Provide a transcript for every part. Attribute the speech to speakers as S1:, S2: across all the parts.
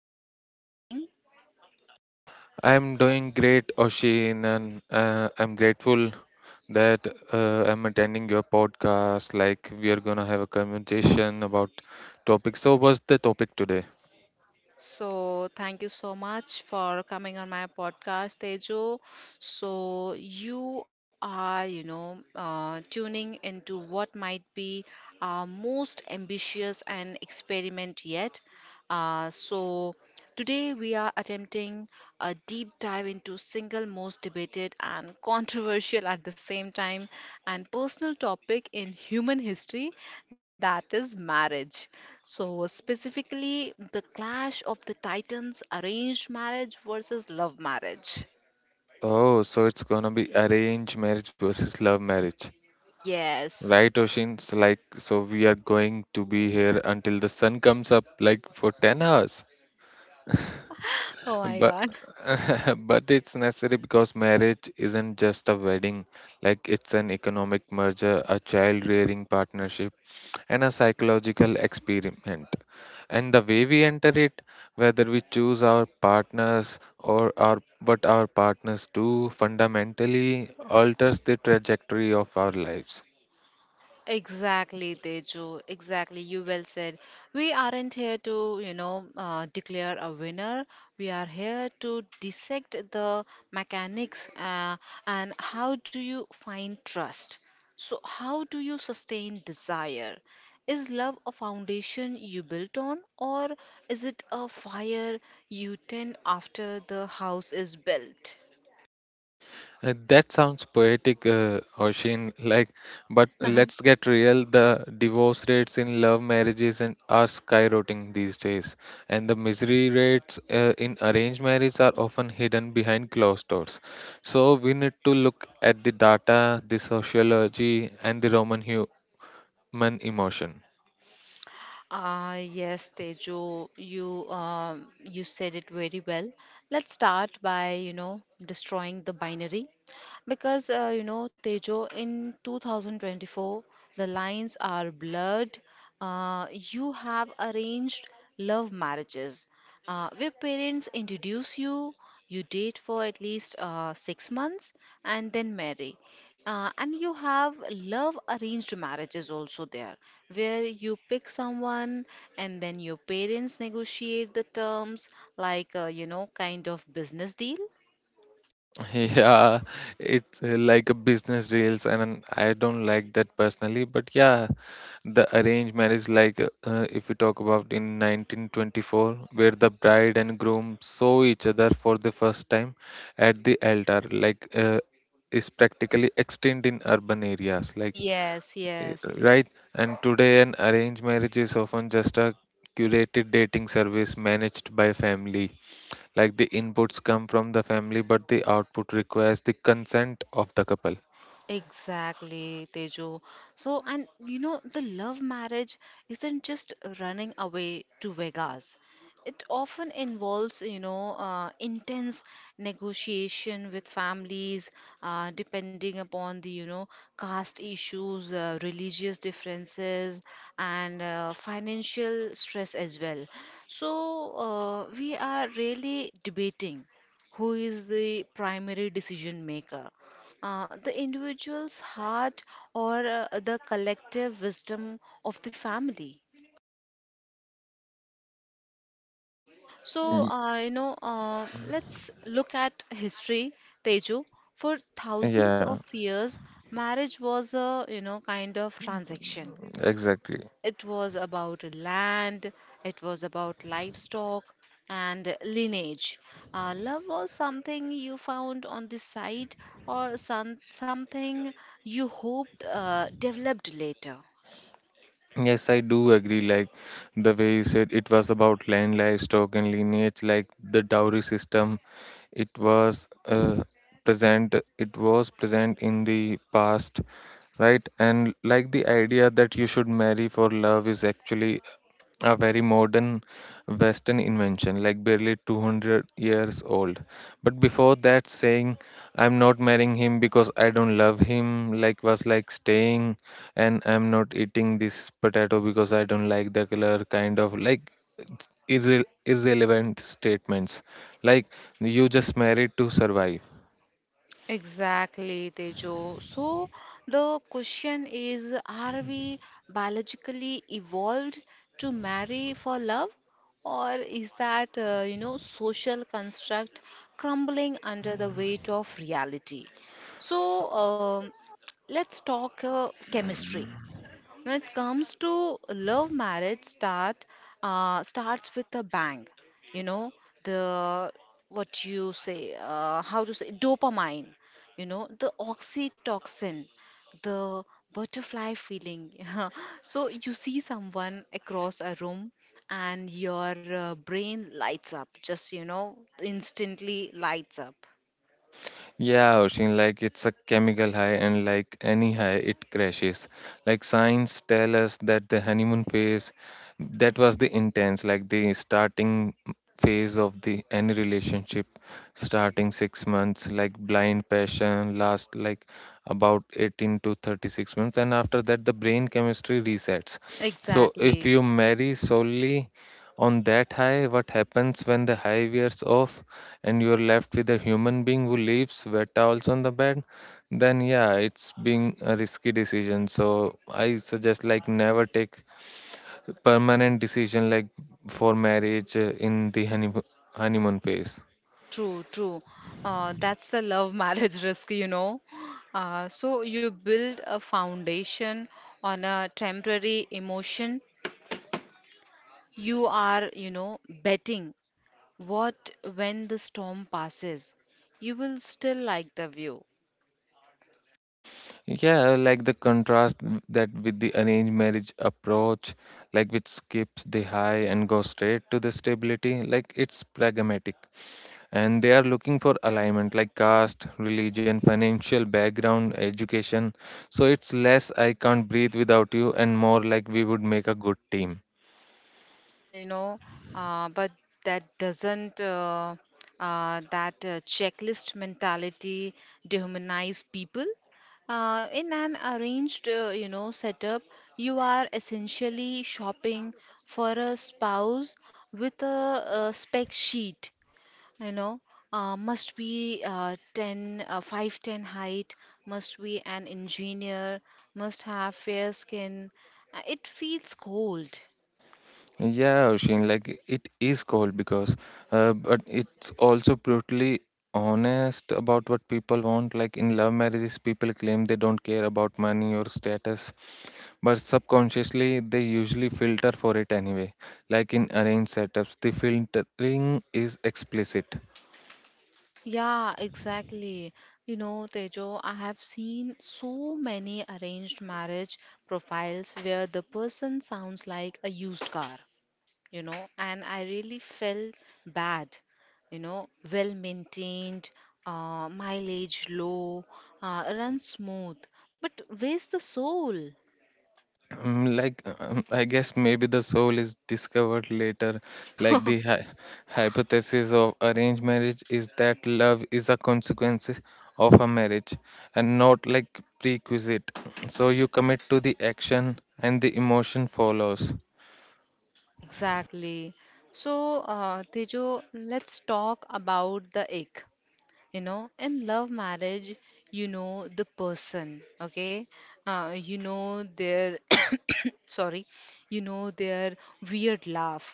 S1: How are you doing?
S2: I'm doing great, Oshin, and I'm grateful that I'm attending your podcast. Like, we are gonna have a conversation about topics. So, what's the topic today?
S1: So, thank you so much for coming on my podcast, Tejo. So, you are, tuning into what might be our most ambitious and experiment yet. Uh, so, Today we are attempting a deep dive into single most debated and controversial at the same time and personal topic in human history, that is marriage. So, specifically, the clash of the titans arranged marriage versus love marriage.
S2: Oh, so it's gonna be arranged marriage versus love marriage, right,
S1: Yes.
S2: Oshin? So, we are going to be here until the sun comes up, like for 10 hours.
S1: Oh my
S2: But
S1: god.
S2: but it's necessary because marriage isn't just a wedding. Like, it's an economic merger, a child-rearing partnership and a psychological experiment. And the way we enter it, whether we choose our partners or our what our partners do, fundamentally alters the trajectory of our lives.
S1: Exactly, Teju. Exactly. You well said. We aren't here to, declare a winner. We are here to dissect the mechanics and how do you find trust? So, how do you sustain desire? Is love a foundation you built on, or is it a fire you tend after the house is built?
S2: That sounds poetic, Oshin. Like, but let's get real. The divorce rates in love marriages and are skyrocketing these days, and the misery rates in arranged marriage are often hidden behind closed doors. So we need to look at the data, the sociology, and the Roman human emotion.
S1: Ah, yes, Tejo, you you said it very well. Let's start by, destroying the binary because Tejo, in 2024, the lines are blurred. You have arranged love marriages. Where parents introduce you, you date for at least 6 months, and then marry. And you have love arranged marriages also there, where you pick someone and then your parents negotiate the terms, like, kind of business deal.
S2: Yeah, it's like a business deals, and I don't like that personally. But yeah, the arranged marriage, like if we talk about in 1924, where the bride and groom saw each other for the first time at the altar, is practically extinct in urban areas,
S1: Yes,
S2: eh,
S1: yes.
S2: right. And today, an arranged marriage is often just a curated dating service managed by family. Like the inputs come from the family, but the output requires the consent of the couple.
S1: Exactly, Tejo. So, and you know, the love marriage isn't just running away to Vegas. It often involves, intense negotiation with families, depending upon the, caste issues, religious differences, and financial stress as well. So, we are really debating who is the primary decision maker the individual's heart or the collective wisdom of the family. So,
S2: Y-
S1: let's look at history, Teju. For thousands
S2: Yeah,
S1: of years, marriage was a, kind of transaction.
S2: exactly.
S1: It was about land, it was about livestock and lineage. Love was something you found on the side or something you hoped developed later.
S2: Yes, I do agree. Like the way you said it was about land, livestock, and lineage, like the dowry system. It was present. It was present in the past, right? And like the idea that you should marry for love is actually a very modern Western invention, like barely 200 years old. But before that, saying, I'm not marrying him because I don't love him, like was like staying, and I'm not eating this potato because I don't like the color, kind of like irrelevant statements. Like, you just married to survive.
S1: Exactly, Tejo. So the question is, are we biologically evolved to marry for love, or is that, social construct crumbling under the weight of reality? So, let's talk chemistry when it comes to love marriage start starts with a bang. You know, the what you say, how to say dopamine, you know, the oxytocin, the butterfly feeling. So you see someone across a room and your brain lights up, just you know, instantly lights up.
S2: Yeah, Oshin, like it's a chemical high, and like any high, it crashes. Like science tell us that the honeymoon phase, that was the intense, like the starting phase of the any relationship, starting 6 months, like blind passion last like about 18 to 36 months, and after that the brain chemistry resets. So if
S1: Exactly.
S2: you marry solely on that high, what happens when the high wears off? And you're left with a human being who leaves wet towels on the bed, then yeah, it's being a risky decision. So I suggest like never take permanent decision like for marriage in the honeymoon phase.
S1: True, true. That's the love marriage risk, you know. So you build a foundation on a temporary emotion. You are, betting what when the storm passes, you will still like the view.
S2: Yeah, like the contrast that with the arranged marriage approach, like which skips the high and goes straight to the stability, like it's pragmatic. And they are looking for alignment like caste, religion, financial background, education. So it's less I can't breathe without you and more like we would make a good team.
S1: uh, you know, but that doesn't that checklist mentality dehumanize people. In an arranged, setup, you are essentially shopping for a spouse with a spec sheet. You know, must be 10, 5'10 height, must be an engineer, must have fair skin. It feels cold.
S2: Yeah, Oshin, like it is cold because, but it's also brutally honest about what people want. Like in love marriages, people claim they don't care about money or status, but subconsciously they usually filter for it anyway. Like in arranged setups, the filtering is explicit.
S1: Yeah, exactly. You know, Tejo, I have seen so many arranged marriage profiles where the person sounds like a used car, you know, and I really felt bad, you know, well maintained, mileage low, runs smooth, but where's the soul?
S2: Like, I guess maybe the soul is discovered later. Like the hypothesis of arranged marriage is that love is a consequence of a marriage and not like prerequisite. So you commit to the action and the emotion follows.
S1: Exactly. So, Tejo, let's talk about the egg. You know, in love marriage, you know the person, okay, you know their sorry, you know their weird laugh,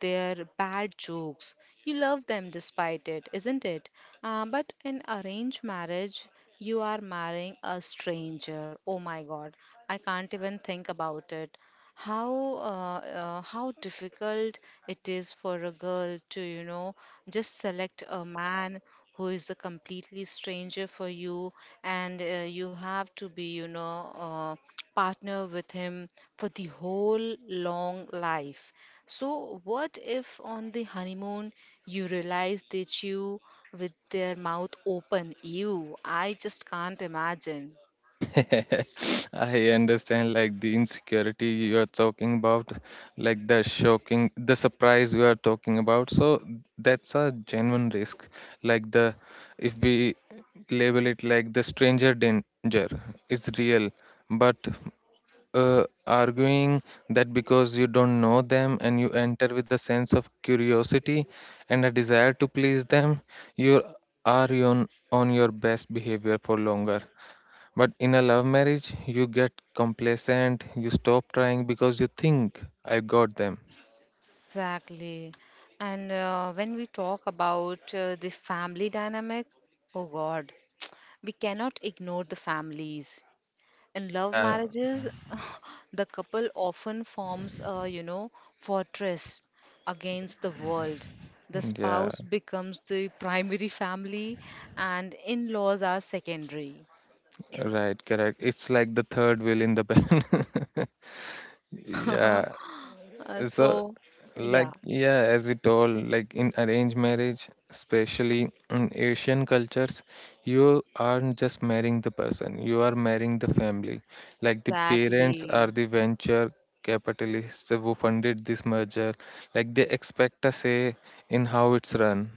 S1: their bad jokes, you love them despite it, isn't it? Uh, but in arranged marriage you are marrying a stranger. Oh my god, I can't even think about it. How how difficult it is for a girl to, you know, just select a man who is a completely stranger for you, and you have to be, partner with him for the whole long life. So what if on the honeymoon you realize they chew with their mouth open? Ew, I just can't imagine.
S2: I understand, like the insecurity you are talking about, like the shocking, the surprise you are talking about. So that's a genuine risk. Like the, if we label it like the stranger danger, is real. But arguing that because you don't know them and you enter with a sense of curiosity and a desire to please them, you are on your best behavior for longer but in a love marriage, you get complacent, you stop trying because you think, I've got them.
S1: Exactly. And when we talk about the family dynamic, oh God, we cannot ignore the families. In love
S2: Yeah,
S1: marriages, the couple often forms a, fortress against the world. The
S2: yeah,
S1: spouse becomes the primary family, and in-laws are secondary.
S2: right, correct. It's like the third wheel in the band. Yeah,
S1: Uh,
S2: so,
S1: so,
S2: like,
S1: yeah,
S2: yeah, as you told, like in arranged marriage, especially in Asian cultures, you aren't just marrying the person, you are marrying the family. Like, the parents are
S1: exactly.
S2: the venture capitalists who funded this merger. Like, they expect a say in how it's run.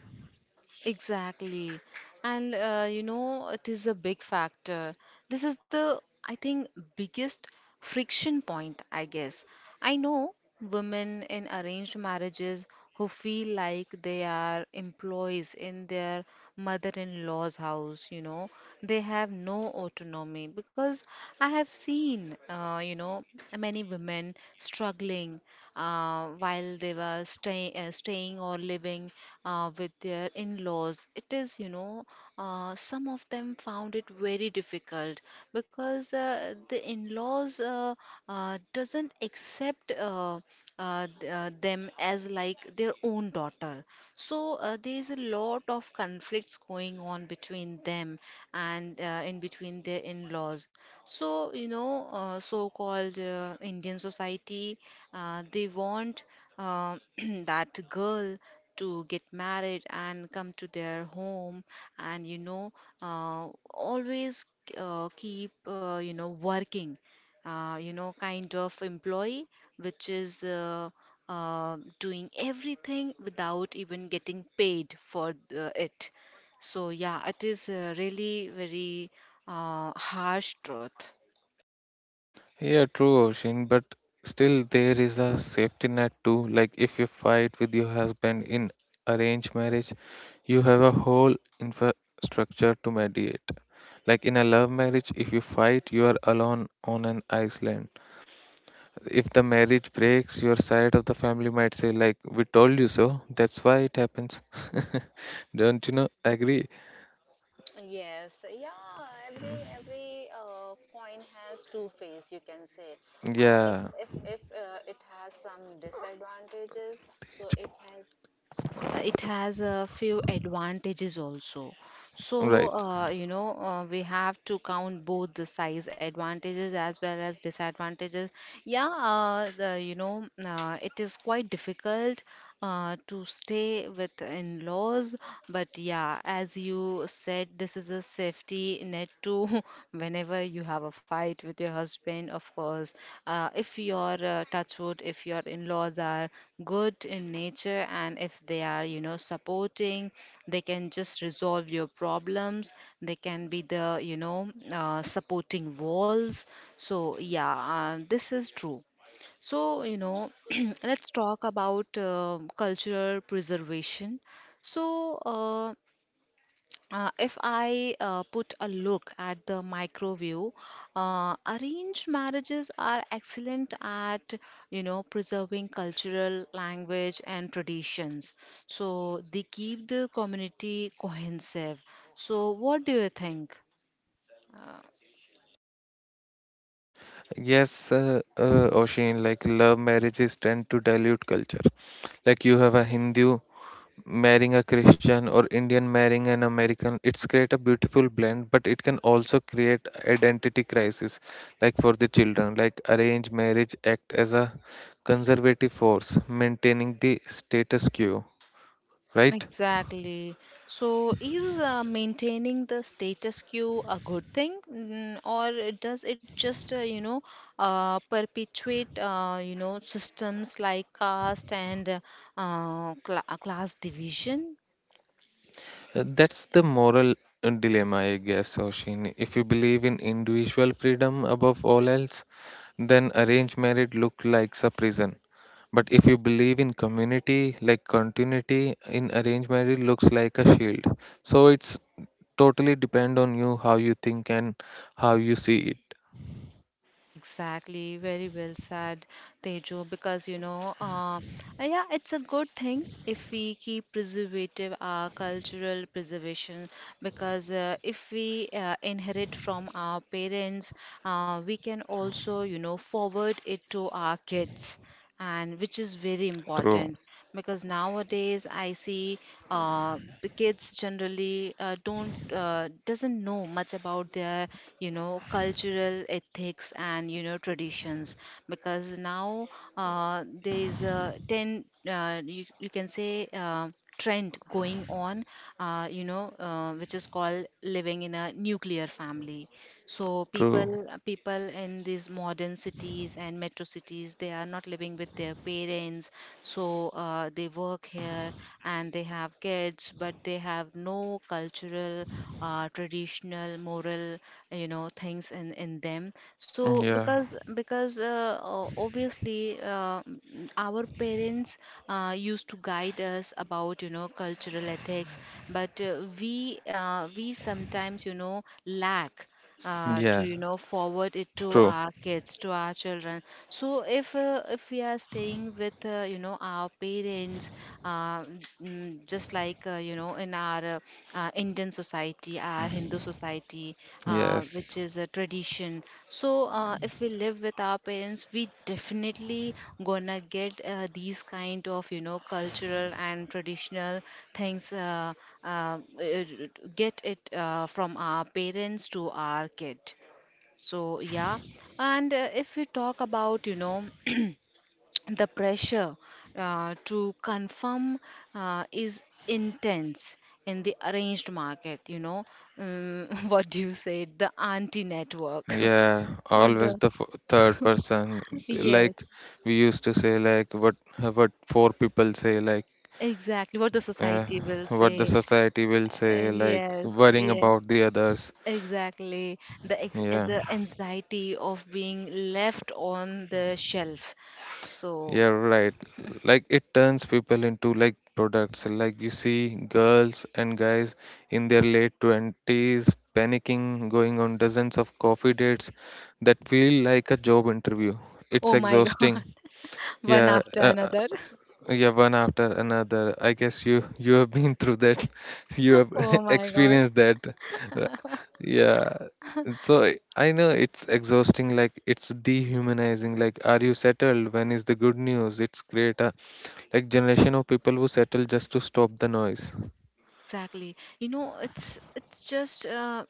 S1: Exactly. And you know, it is a big factor. This is the, I think, biggest friction point, I guess. I know women in arranged marriages who feel like they are employees in their mother in law's house, you know. They have no autonomy because I have seen, many women struggling while they were staying or living with their in laws. It is, you know, some of them found it very difficult because the in laws doesn't accept them as like their own daughter, so there's a lot of conflicts going on between them and in between their in-laws. So, so-called Indian society, they want uh, that girl to get married and come to their home and, uh, always keep, working. Kind of employee, which is doing everything without even getting paid for the, it. So, yeah, it is really very harsh truth.
S2: Yeah, true, Oshin, but still there is a safety net too. Like if you fight with your husband in arranged marriage, you have a whole infrastructure to mediate. Like in a love marriage, if you fight, you are alone on an island. If the marriage breaks, your side of the family might say, like, we told you so, that's why it happens. Don't you know? Agree?
S1: Yes, yeah, every coin has two face, you can say. If
S2: Yeah.
S1: if if uh, it has some disadvantages, so
S2: It's bo-
S1: it has a few advantages also.
S2: Right.
S1: So, we have to count both the size advantages as well as disadvantages. Yeah, the, it is quite difficult to stay with in-laws. But yeah, as you said, this is a safety net too. Whenever you have a fight with your husband, of course, if your touch wood, if your in-laws are good in nature and if they are, supporting, they can just resolve your problems. They can be the, supporting walls. So yeah, this is true. So, you know, let's talk about cultural preservation. So, if I put a look at the micro view, arranged marriages are excellent at, preserving cultural language and traditions. So, they keep the community cohesive. So, what do you think?
S2: Yes, Oshin, like love marriages tend to dilute culture. Like you have a Hindu marrying a Christian or Indian marrying an American. It's create a beautiful blend, but it can also create identity crisis, like for the children. Like arranged marriage act as a conservative force, maintaining the status quo, right?
S1: Exactly. So, is maintaining the status quo a good thing, mm, or does it just, perpetuate, systems like caste and class division?
S2: That's the moral dilemma, I guess, Oshin. If you believe in individual freedom above all else, then arranged marriage looks like a prison. But if you believe in community, like continuity in arranged marriage looks like a shield. So it's totally depend on you how you think and how you see it.
S1: Exactly, very well said, Tejo, because yeah, it's a good thing if we keep preservative our cultural preservation because if we inherit from our parents, we can also, forward it to our kids and which is very
S2: True,
S1: important because nowadays I see the kids generally don't doesn't know much about their, you know, cultural ethics and, you know, traditions because now there is a 10, you can say, trend going on, which is called living in a nuclear family. So
S2: true.
S1: people in these modern cities and metro cities, they are not living with their parents. So they work here and they have kids, but they have no cultural, traditional, moral, things in them.
S2: Mm,
S1: So
S2: yeah,
S1: because obviously our parents used to guide us about, you know, cultural ethics, but we sometimes, you know, lack to,
S2: yeah,
S1: you know, forward it to
S2: true.
S1: our kids, to our children. So if if we are staying with, our parents, uh, just like, in our Indian society, our Hindu society,
S2: Yes.
S1: which is a tradition. So if we live with our parents, we definitely gonna get these kind of, you know, cultural and traditional things uh, uh, get it from our parents to our kid. So yeah, and if we talk about, you know, the pressure to confirm is intense in the arranged market, you know, what do you say? The anti network.
S2: Yeah,
S1: Uh,
S2: always
S1: the
S2: the third person.
S1: yes,
S2: Like we used to say, like what four people say, like
S1: exactly what the
S2: yeah,
S1: society will
S2: what the
S1: say.
S2: society will say, like
S1: Yes,
S2: worrying
S1: yeah,
S2: about the others.
S1: exactly the ex
S2: Yeah,
S1: the anxiety of being left on the shelf, so
S2: yeah, right. Like it turns people into like products. Like you see girls and guys in their late 20s panicking, going on dozens of coffee dates that feel like a job interview. It's
S1: oh my god,
S2: exhausting.
S1: one
S2: Yeah,
S1: after another.
S2: yeah one after another, I guess you have been through that. You have
S1: Oh my god.
S2: experienced that. Ra- yeah, so I know it's exhausting, like it's dehumanizing, like are you settled, when is the good news, it's great, like generation of people who settle just to stop the noise.
S1: Exactly. You know, it's it's just uh,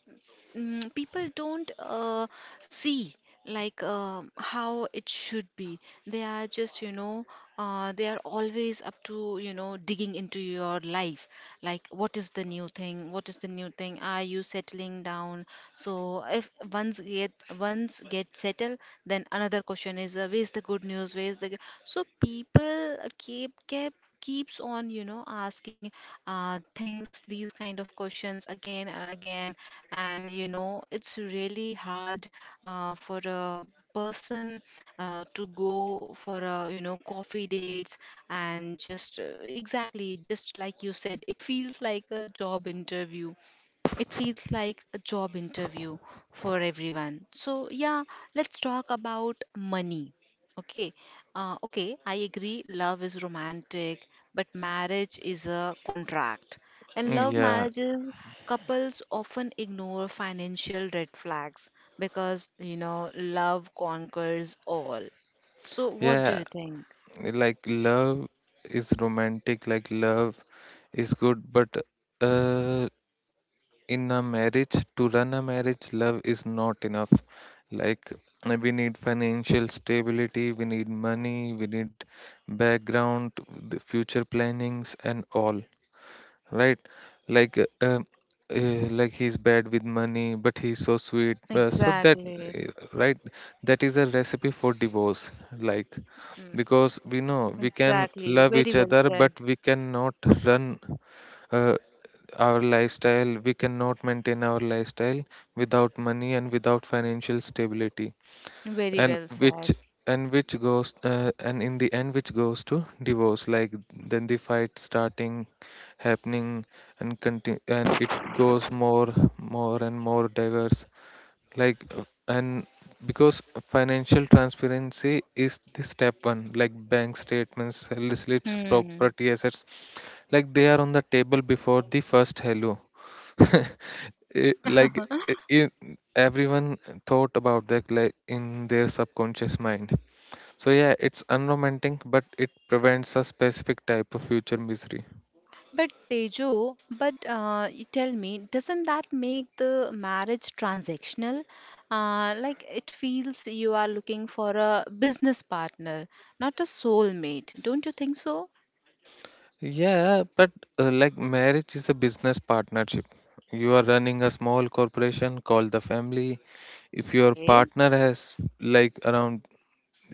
S1: mm, people don't see like how it should be. They are just, they are always up to, digging into your life. Like, what is the new thing? What is the new thing? Are you settling down? So if once get settled, then another question is, "Where's the good news? Where's the g-" So people keeps on, asking things, these kind of questions again and again. And you know, it's really hard for a person to go for a coffee dates and just exactly just like you said, it feels like a job interview it feels like a job interview for everyone. So, yeah, let's talk about money. Okay. Okay, I agree. Love is romantic, but marriage is a contract. And
S2: Mm,
S1: love
S2: yeah,
S1: marriages, couples often ignore financial red flags because, you know, love conquers all. So, what do
S2: yeah,
S1: you think?
S2: like love is romantic, like love is good, but uh in a marriage, to run a marriage love is not enough. We need financial stability, we need money, we need background, the future plannings and all, right? like uh, um, like he's bad with money but he's so sweet so that
S1: Exactly.
S2: uh, right, that is a recipe for divorce, like
S1: Mm.
S2: because we know we can
S1: Exactly.
S2: love
S1: Very
S2: each
S1: well
S2: other but
S1: said.
S2: we cannot run uh, our lifestyle, we cannot maintain our lifestyle without money and without financial stability.
S1: Very
S2: and
S1: well
S2: which
S1: said.
S2: and which goes uh, and in the end which goes to divorce, like then the fight starting happening and continue and it goes more more and more diverse. Like and Because financial transparency is the step one, like bank statements, sell slips,
S1: Hmm.
S2: property assets, like they are on the table before the first hello. It, like in everyone thought about that like in their subconscious mind. So yeah it's unromantic but it prevents a specific type of future misery.
S1: But Tejo, but you tell me, doesn't that make the marriage transactional? Like it feels you are looking for a business partner, not a soulmate. Don't you think so?
S2: Yeah, but like marriage is a business partnership, you are running a small corporation called the family. If your
S1: Okay.
S2: partner has like around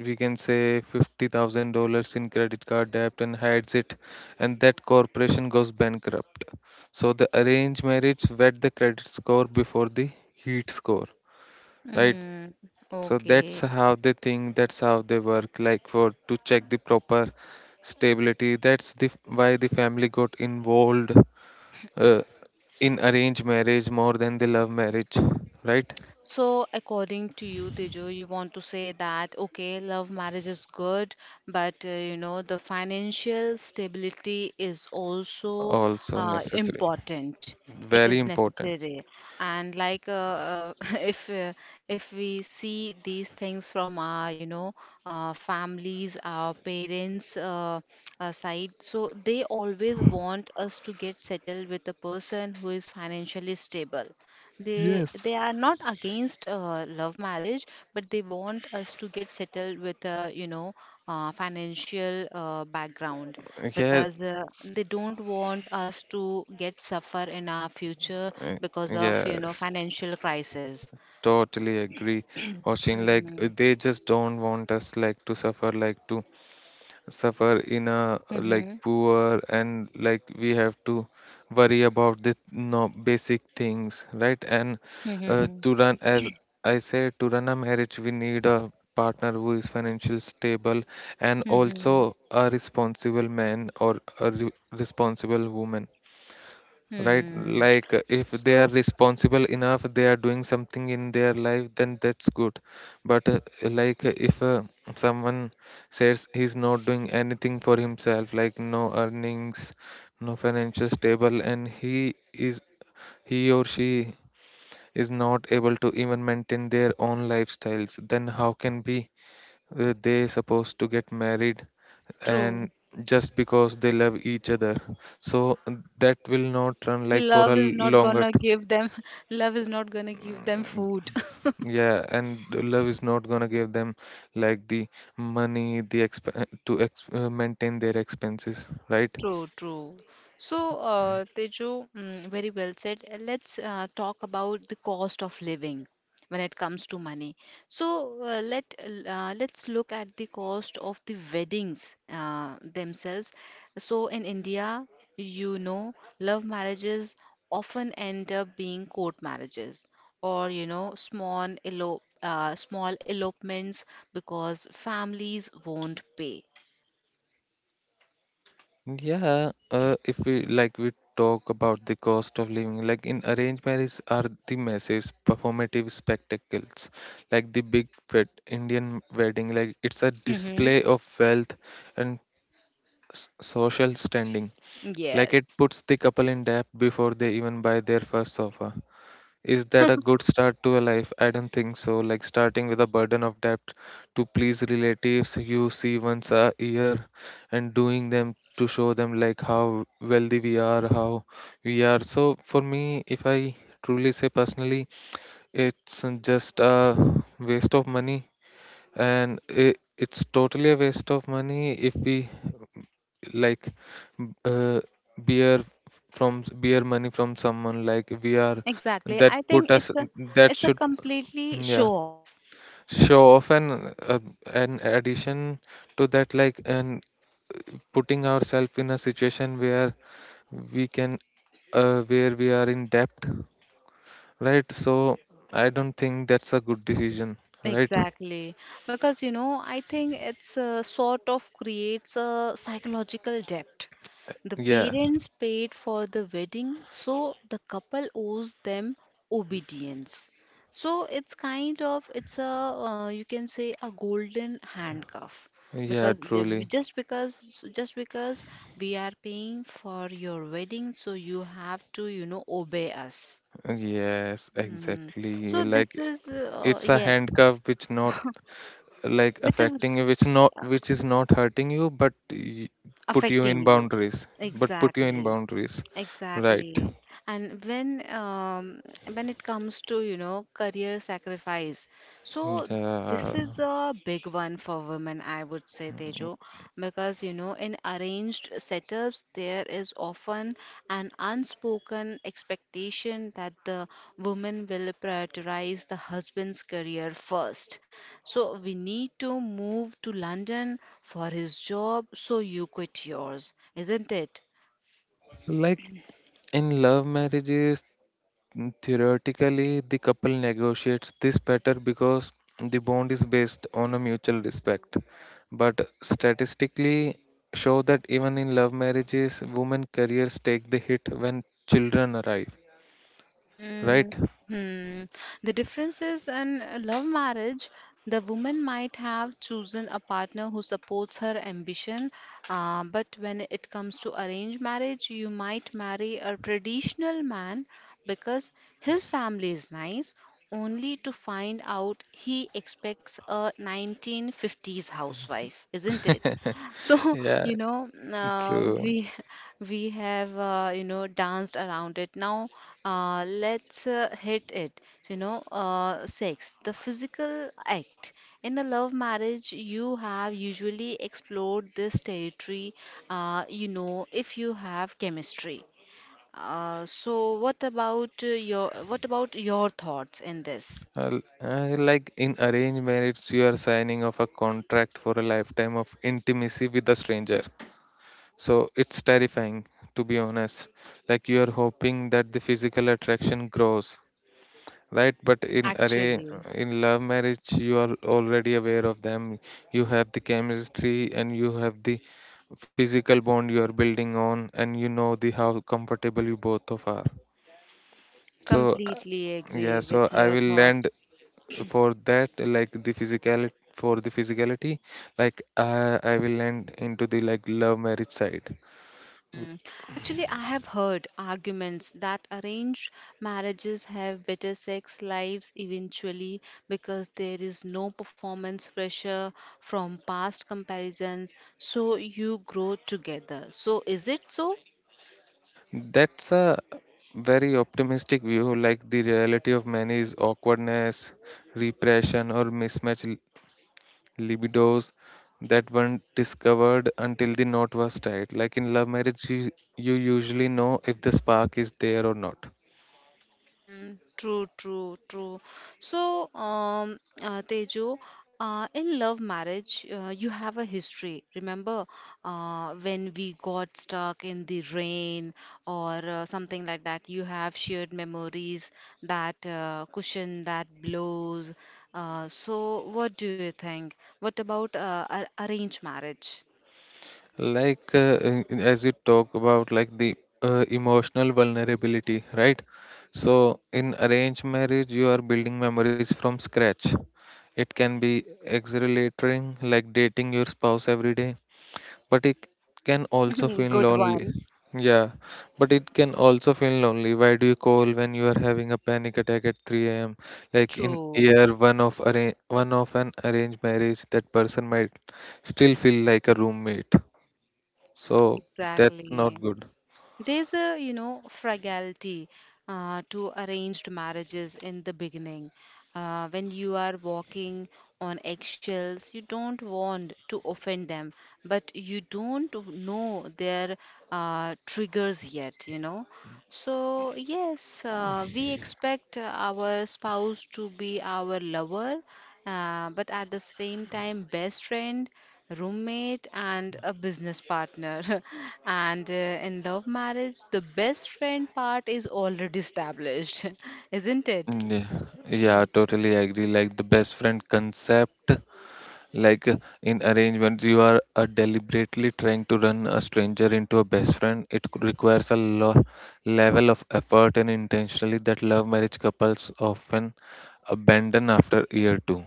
S2: we can say $50,000 in credit card debt and hides it, and that corporation goes bankrupt. So the arranged marriage wet the credit score before the heat score, right?
S1: Mm,
S2: So that's
S1: okay.
S2: how they think, that's how they work, like for to check the proper stability. That's the why the family got involved uh, in arranged marriage more than the love marriage, right?
S1: So, according to you, Tejo, you want to say that okay, love marriage is good, but you know, the financial stability is also
S2: Also necessary,
S1: important. It
S2: very
S1: is
S2: important.
S1: necessary, and if if we see these things from our families, our parents side, so they always want us to get settled with a person who is financially stable. they
S2: Yes.
S1: they are not against love marriage, but they want us to get settled with a financial background
S2: Yeah,
S1: because they don't want us to get suffer in our future
S2: Uh,
S1: because of
S2: yes,
S1: financial crisis.
S2: totally agree, Oshin. Like
S1: Mm.
S2: they just don't want us like to suffer in a like
S1: Mm-hmm.
S2: poor and like we have to worry about the no basic things, right? And
S1: Mm-hmm.
S2: to run, as I said, to run a marriage, we need a partner who is financially stable and
S1: Mm-hmm.
S2: also a responsible man or a re responsible woman, right?
S1: Hmm.
S2: If they are
S1: So
S2: responsible enough, they are doing something in their life, then that's good. But uh, like uh, if uh, someone says he's not doing anything for himself, like no earnings, no financial stable, and he or she is not able to even maintain their own lifestyles, then how can be? They supposed to get married,
S1: true.
S2: and just because they love each other, so that will not run like for a
S1: Love is not
S2: longer
S1: gonna give them, love is not gonna give them food.
S2: yeah, and the love is not gonna give them, like, the money, the exp- to ex- maintain their expenses, right?
S1: True, true. So, Tejo, mm, very well said. Let's talk about the cost of living when it comes to money. So, let's look at the cost of the weddings themselves. So, in India, you know, love marriages often end up being court marriages or you know, small elopements because families won't pay.
S2: Yeah, if we talk about the cost of living. Like in arranged marriage are the massive performative spectacles, like the big wed Indian wedding. Like it's a
S1: Hmm.
S2: display of wealth and social standing. Like it
S1: Yes.
S2: puts the couple in debt before they even buy their first sofa. Is that a good start to a life? I don't think so. Like starting with a burden of debt to please relatives you see once a year, and doing them to show them like how wealthy we are, how we are. So for me, if I truly say personally, it's just a waste of money, and it's totally a waste of money if we like uh, beer from beer money from someone, like we are,
S1: Exactly.
S2: that
S1: I
S2: put
S1: think
S2: us
S1: it's a
S2: that
S1: it's a
S2: should
S1: completely
S2: yeah,
S1: show off.
S2: show off. And an addition to that, like, and putting ourselves in a situation where we can where we are in debt, right? So I don't think that's a good decision, right?
S1: Exactly. Because you know, I think it's a sort of creates a psychological debt. The
S2: Yeah,
S1: parents paid for the wedding, so the couple owes them obedience. So it's kind of it's a you can say a golden handcuff
S2: yeah,
S1: because
S2: truly.
S1: just because we are paying for your wedding, so you have to you know obey us.
S2: Yes,
S1: Mm.
S2: exactly,
S1: So
S2: like
S1: this is
S2: it's a
S1: yes,
S2: handcuff which not, like,
S1: which is
S2: affecting you, which is not hurting you, but put you
S1: affecting
S2: in
S1: you.
S2: boundaries, but put you in
S1: Exactly.
S2: boundaries, right?
S1: Exactly. And when it comes to, you know, career sacrifice, so this
S2: Yeah.
S1: is a big one for women, I would say, Tejo, because, you know, in arranged setups, there is often an unspoken expectation that the woman will prioritize the husband's career first. So we need to move to London for his job, so you quit yours, isn't it?
S2: Like in love marriages, theoretically the couple negotiates this better because the bond is based on a mutual respect, but statistically show that even in love marriages women careers take the hit when children arrive, right?
S1: Mm. Hmm. The difference is in a love marriage, the woman might have chosen a partner who supports her ambition, but when it comes to arranged marriage, you might marry a traditional man because his family is nice, only to find out he expects a 1950s housewife, isn't it? So,
S2: Yeah,
S1: you know,
S2: true.
S1: we we have you know danced around it. Now let's hit it. So, you know, sex, the physical act. In a love marriage, you have usually explored this territory, you know, if you have chemistry. So what about your thoughts in this?
S2: Well, like in arranged marriage, you are signing off a contract for a lifetime of intimacy with a stranger. So it's terrifying, to be honest. Like you are hoping that the physical attraction grows, right?
S1: Actually,
S2: In love marriage, you are already aware of them. You have the chemistry and you have the physical bond you are building on, and you know the how comfortable you both of are. So
S1: completely
S2: yeah,
S1: agree
S2: so
S1: with
S2: I
S1: your
S2: will
S1: thought.
S2: land for that like the physical for the physicality. I will end into the like love marriage side.
S1: Hmm. Actually, I have heard arguments that arranged marriages have better sex lives eventually because there is no performance pressure from past comparisons, so you grow together. So, is it so?
S2: That's a very optimistic view, like the reality of many is awkwardness, repression, or mismatched libidos that weren't discovered until the knot was tied. Like in love marriage, you usually know if the spark is there or not.
S1: True, true, true. So, Tejo, in love marriage, you have a history. Remember, when we got stuck in the rain or something like that, you have shared memories, that cushion that blows. So, what do you think? What about arranged marriage?
S2: As you talk about, like, the emotional vulnerability, right? So in arranged marriage, you are building memories from scratch. It can be exhilarating, like dating your spouse every day, but it can also feel
S1: Good
S2: lonely.
S1: one.
S2: Yeah, but it can also feel lonely. Why do you call when you are having a panic attack at 3 a.m. Like in
S1: True.
S2: year one of one of an arranged marriage, that person might still feel like a roommate.
S1: Mm,
S2: So that's not
S1: exactly.
S2: good.
S1: There's a, you know, fragility to arranged marriages in the beginning. When you are walking on eggshells, you don't want to offend them, but you don't know their triggers yet, you know. So, yes, we expect our spouse to be our lover, but at the same time, best friend, roommate and a business partner. And in love marriage the best friend part is already established, isn't it?
S2: Mm. Yeah, yeah, totally agree. Like the best friend concept. like uh, in arrangements, you are deliberately trying to run a stranger into a best friend. It requires a lo level of effort and intentionally that love marriage couples often abandon after year two.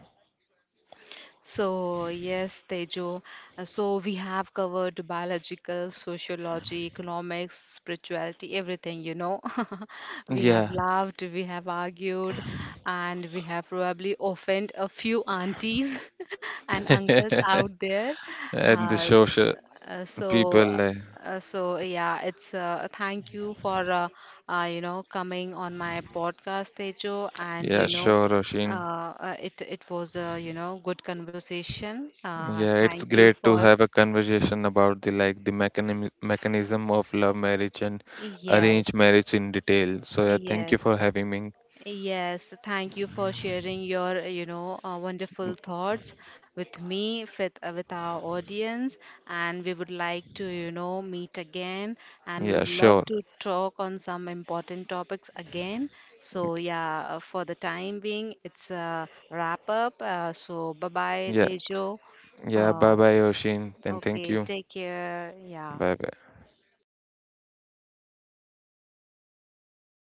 S1: So, yes, Tejo. So, we have covered biological, sociology, economics, spirituality, everything, you know. We have
S2: Yeah,
S1: laughed, we have argued, and we have probably offended a few aunties and uncles out there.
S2: and the
S1: Uh,
S2: social
S1: uh, so,
S2: people,
S1: uh,
S2: like,
S1: so yeah, it's thank you for you know coming on my podcast, Tejo, and
S2: yeah, sure, Roshin.
S1: it was a, you know, good conversation.
S2: Yeah,
S1: Thank
S2: it's
S1: you
S2: great to
S1: for
S2: have a conversation about the mechanism of love marriage and arranged
S1: yes,
S2: marriage in detail. So yeah, thank you
S1: yes,
S2: for having me.
S1: yes. Thank you for sharing your, you know, wonderful thoughts with me, with our audience, and we would like to, you know, meet again, and we would
S2: Yeah,
S1: love
S2: sure.
S1: to talk on some important topics again. So yeah, for the time being, it's a wrap up. So bye bye,
S2: Yeah.
S1: Tejo.
S2: Yeah,
S1: Uh,
S2: bye bye, Oshin. And thank
S1: Okay,
S2: you.
S1: take care. Yeah.
S2: Bye bye.